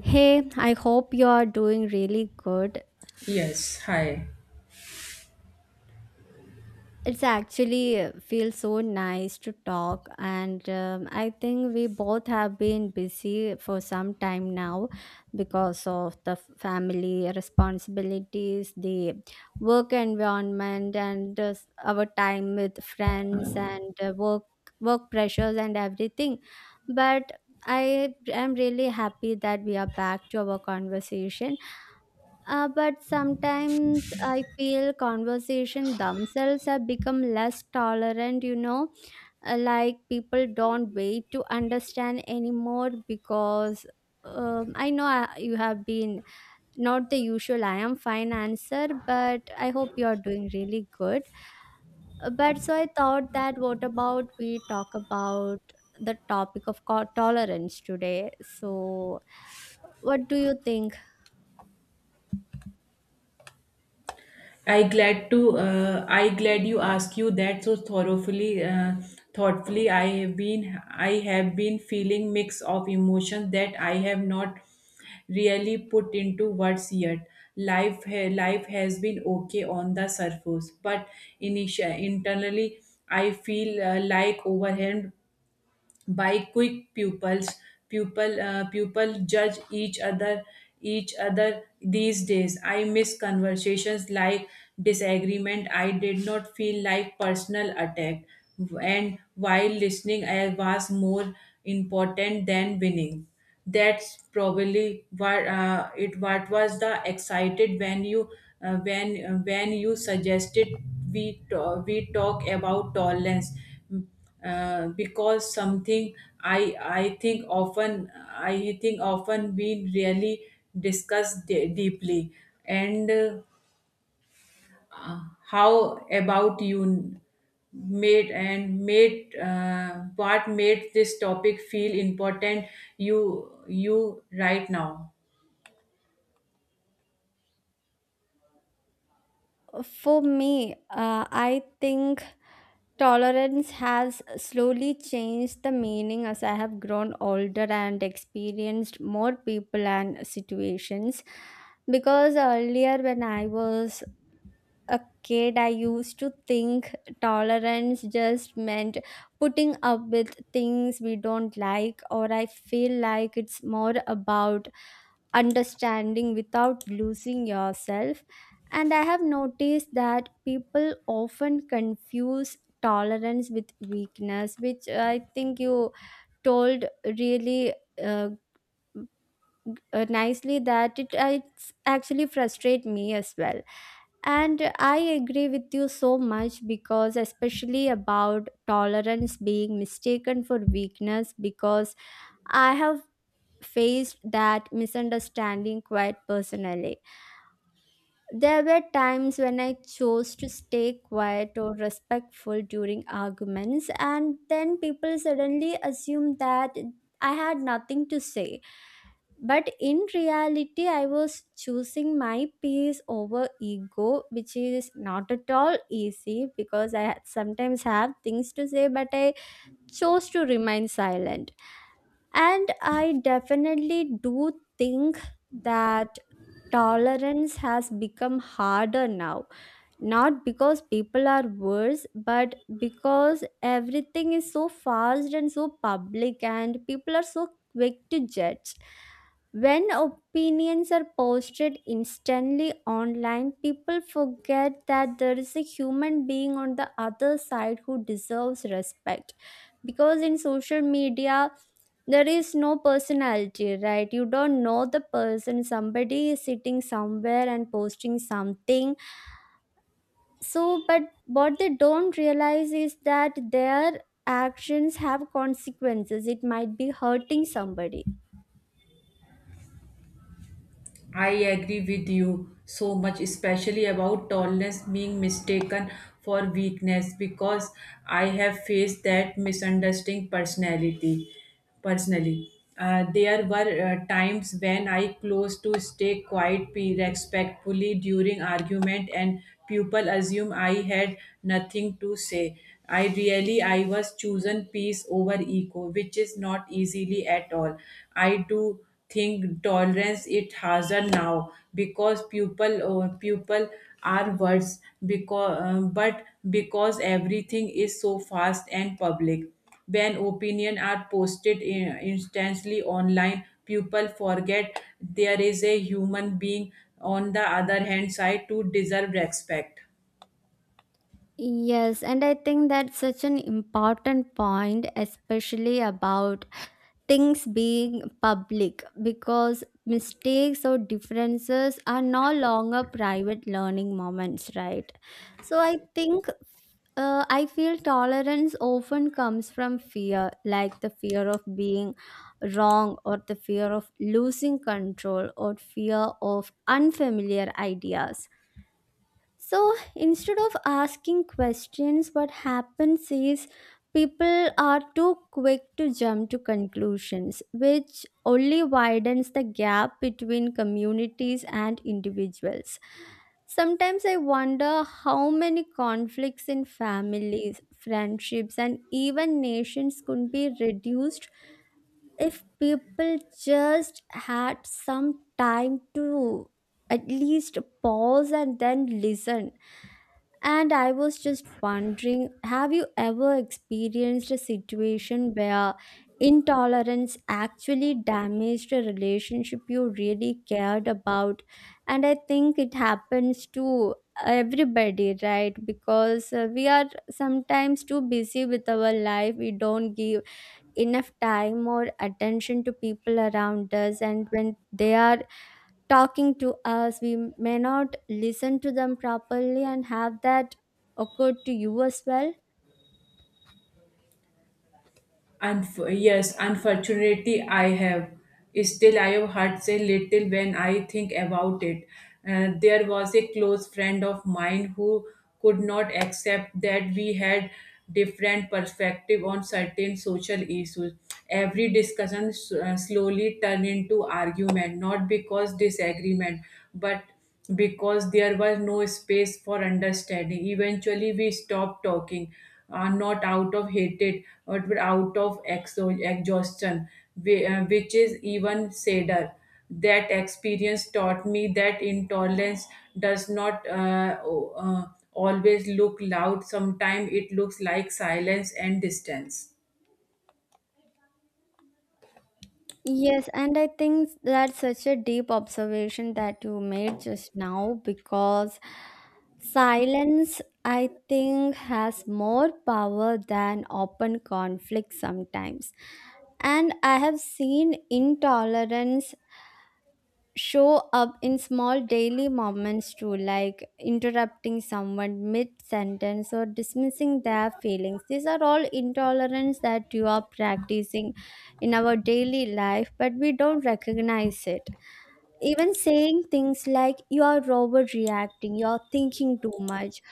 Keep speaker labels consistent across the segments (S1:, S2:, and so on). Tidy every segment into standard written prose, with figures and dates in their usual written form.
S1: Hey, I hope you're doing really good.
S2: Yes, hi.
S1: It's actually feels so nice to talk, and I think we both have been busy for some time now because of the family responsibilities, the work environment, and our time with friends and work pressures and everything. But I am really happy that we are back to our conversation. But sometimes I feel conversation themselves have become less tolerant, you know. Like people don't wait to understand anymore because I know you have been not the usual I am fine answer, but I hope you are doing really good. But so I thought, that what about we talk about the topic of tolerance today? So, what do you think?
S2: I glad you ask you that so thoroughly thoughtfully. I have been feeling mix of emotions that I have not really put into words yet. Life life has been okay on the surface, but initial internally I feel like overwhelmed by quick pupil pupil judge each other these days. I miss conversations like disagreement. I did not feel like personal attack, and while listening I was more important than winning. That's probably what it what was the excited when you when you suggested we we talk about tolerance, because something. I think often we really discuss deeply. And how about you? Made and made What made this topic feel important? You right now.
S1: For me, I think tolerance has slowly changed the meaning as I have grown older and experienced more people and situations. Because earlier, when I was a kid, I used to think tolerance just meant putting up with things we don't like, or I feel like it's more about understanding without losing yourself. And I have noticed that people often confuse tolerance with weakness, which I think you told really. Uh, Nicely that it it's actually frustrate me as well, and I agree with you so much because, especially about tolerance being mistaken for weakness, because I have faced that misunderstanding quite personally. There were times when I chose to stay quiet or respectful during arguments, and then people suddenly assumed that I had nothing to say, but in reality, I was choosing my peace over ego, which is not at all easy because I sometimes have things to say, but I chose to remain silent. And I definitely do think that tolerance has become harder now, not because people are worse, but because everything is so fast and so public, and people are so quick to judge. When opinions are posted instantly online, people forget that there is a human being on the other side who deserves respect. Because in social media, there is no personality, right? You don't know the person. Somebody is sitting somewhere and posting something. So but what they don't realize is that their actions have consequences. It might be hurting somebody.
S2: I agree with you so much, especially about tallness being mistaken for weakness, because I have faced that misunderstanding personality. Personally, there were times when I close to stay quiet, be respectfully during argument, and people assume I had nothing to say. I was chosen peace over ego, which is not easily at all. I do think tolerance it harder now because people are worse because but because everything is so fast and public. When opinion are posted instantly online, people forget there is a human being on the other hand side to deserve respect.
S1: Yes, and I think that's such an important point, especially about things being public, because mistakes or differences are no longer private learning moments, right? So I think, I feel tolerance often comes from fear, like the fear of being wrong, or the fear of losing control, or fear of unfamiliar ideas. So instead of asking questions, what happens is people are too quick to jump to conclusions, which only widens the gap between communities and individuals. Sometimes I wonder how many conflicts in families, friendships, and even nations could be reduced if people just had some time to at least pause and then listen. And I was just wondering, have you ever experienced a situation where intolerance actually damaged a relationship you really cared about? And I think it happens to everybody, right? Because we are sometimes too busy with our life, we don't give enough time or attention to people around us, and when they are talking to us, we may not listen to them properly. And have that occurred to you as well?
S2: And yes, unfortunately, I have. Still, I have hurt a little when I think about it. There was a close friend of mine who could not accept that we had different perspective on certain social issues. Every discussion slowly turned into argument, not because disagreement, but because there was no space for understanding. Eventually, we stopped talking, not out of hatred, but out of exhaustion, which is even sadder. That experience taught me that intolerance does not always look loud. Sometimes it looks like silence and distance.
S1: Yes, and I think that's such a deep observation that you made just now, because silence I think has more power than open conflict sometimes. And I have seen intolerance show up in small daily moments too, like interrupting someone mid sentence or dismissing their feelings. These are all intolerance that you are practicing in our daily life, but we don't recognize it. Even saying things like you are overreacting, you are thinking too much,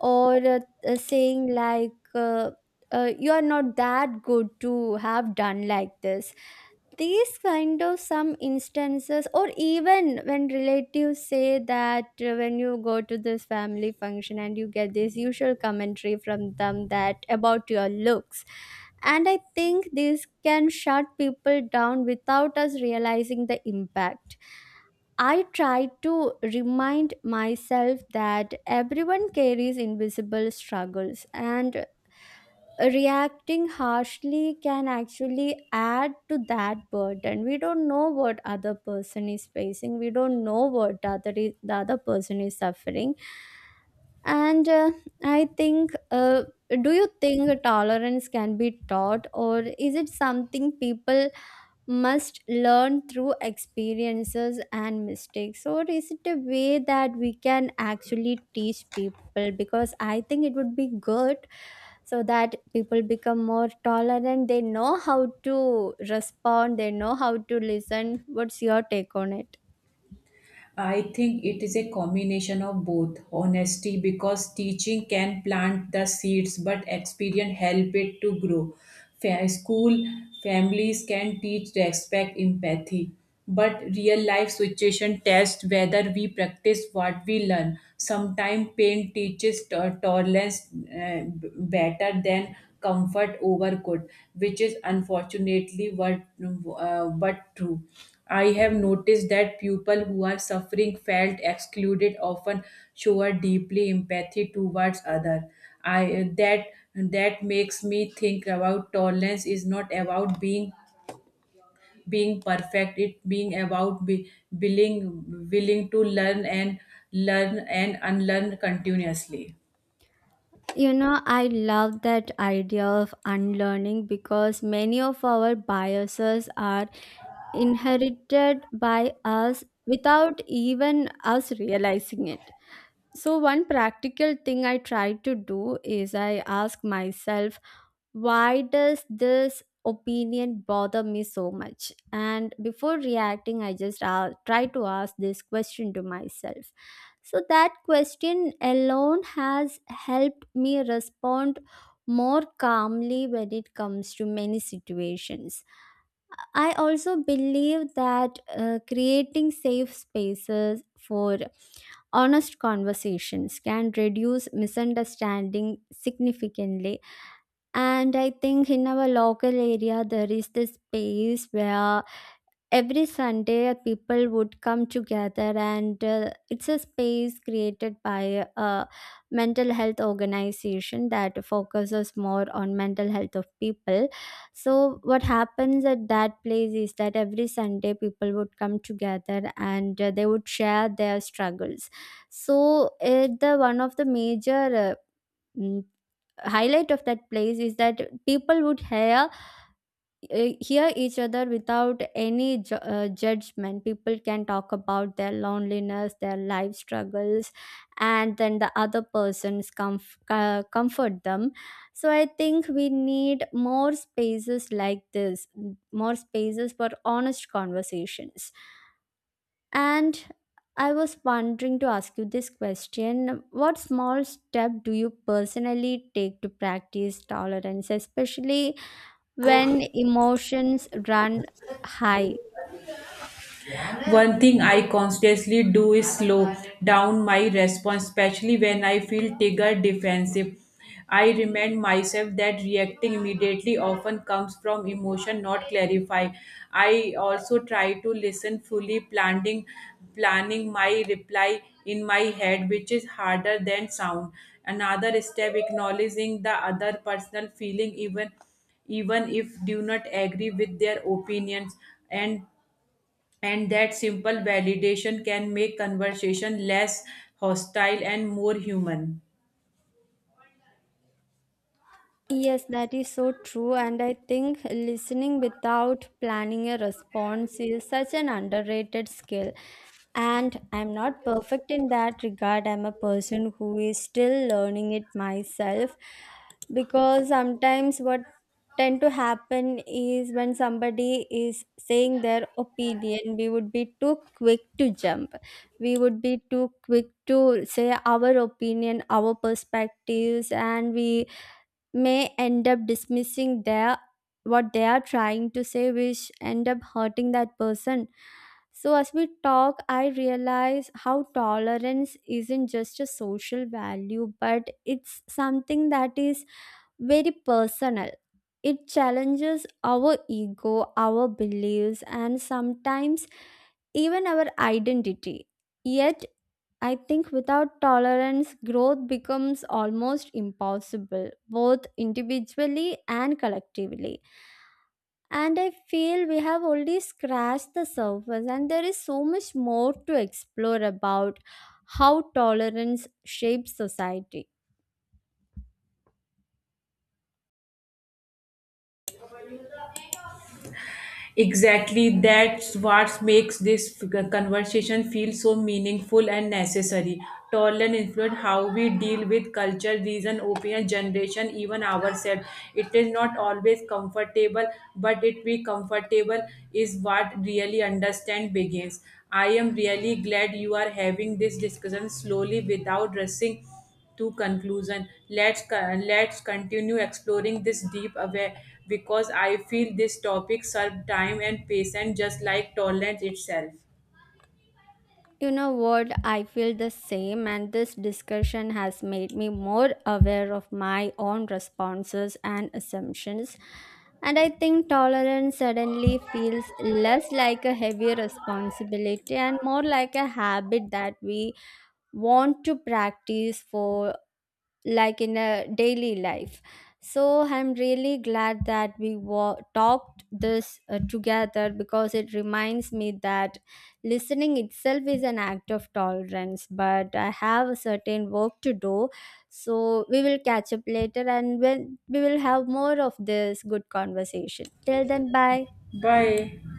S1: or saying like you are not that good to have done like this, these kind of some instances, or even when relatives say that when you go to this family function and you get this usual commentary from them, that about your looks. And I think this can shut people down without us realizing the impact. I try to remind myself that everyone carries invisible struggles, and reacting harshly can actually add to that burden. We don't know what other person is facing, we don't know what other is, the other person is suffering. And I think Do you think tolerance can be taught, or is it something people must learn through experiences and mistakes? Or is it a way that we can actually teach people? Because I think it would be good so that people become more tolerant. They know how to respond, they know how to listen. What's your take on it?
S2: I think it is a combination of both. Honesty, because teaching can plant the seeds, but experience help it to grow. School families can teach respect, empathy, but real life situation test whether we practice what we learn. Sometimes pain teaches tolerance better than comfort over good, which is unfortunately what, but true. I have noticed that people who are suffering felt excluded often show a deeply empathy towards other. I that that makes me think about tolerance is not about being perfect. It being about be, willing to learn and unlearn continuously.
S1: You know, I love that idea of unlearning, because many of our biases are inherited by us without even us realizing it. So one practical thing I try to do is I ask myself, why does this opinion bother me so much? And before reacting, I just try to ask this question to myself. So that question alone has helped me respond more calmly when it comes to many situations. I also believe that creating safe spaces for honest conversations can reduce misunderstanding significantly. And I think in our local area, there is this space where every Sunday people would come together, and it's a space created by a mental health organization that focuses more on mental health of people. So, what happens at that place is that every Sunday people would come together and they would share their struggles. So, the one of the major mm, highlight of that place is that people would hear hear each other without any judgment. People can talk about their loneliness, their life struggles, and then the other persons comfort them. So I think we need more spaces like this, more spaces for honest conversations. And I was wondering to ask you this question. What small step do you personally take to practice tolerance, especially when emotions run high?
S2: One thing I constantly do is slow down my response, especially when I feel triggered defensive. I remind myself that reacting immediately often comes from emotion, not clarify. I also try to listen fully, planning my reply in my head, which is harder than sound. Another step, acknowledging the other personal feeling, even if do not agree with their opinions, and and that simple validation can make conversation less hostile and more human.
S1: Yes, that is so true. And I think listening without planning a response is such an underrated skill. And I'm not perfect in that regard. I'm a person who is still learning it myself, because sometimes what tend to happen is when somebody is saying their opinion, we would be too quick to jump, we would be too quick to say our opinion, our perspectives, and we may end up dismissing their, what they are trying to say, which end up hurting that person. So, as we talk, I realize how tolerance isn't just a social value, but it's something that is very personal. It challenges our ego, our beliefs, and sometimes even our identity. Yet, I think without tolerance, growth becomes almost impossible, both individually and collectively. And I feel we have only scratched the surface, and there is so much more to explore about how tolerance shapes society.
S2: Exactly, that's what makes this conversation feel so meaningful and necessary. Tolerance influence how we deal with culture reason opinion generation even ourselves. It is not always comfortable, but it be comfortable is what really understand begins. I am really glad you are having this discussion slowly without rushing to conclusion. Let's let's continue exploring this deep aware, because I feel this topic serve time and patience just like tolerance itself.
S1: You know what? I feel the same, and this discussion has made me more aware of my own responses and assumptions. And I think tolerance suddenly feels less like a heavy responsibility and more like a habit that we want to practice for, like, in a daily life. So I'm really glad that we talked this together, because it reminds me that listening itself is an act of tolerance, but I have a certain work to do. So we will catch up later, and when we will have more of this good conversation. Till then, bye.
S2: Bye.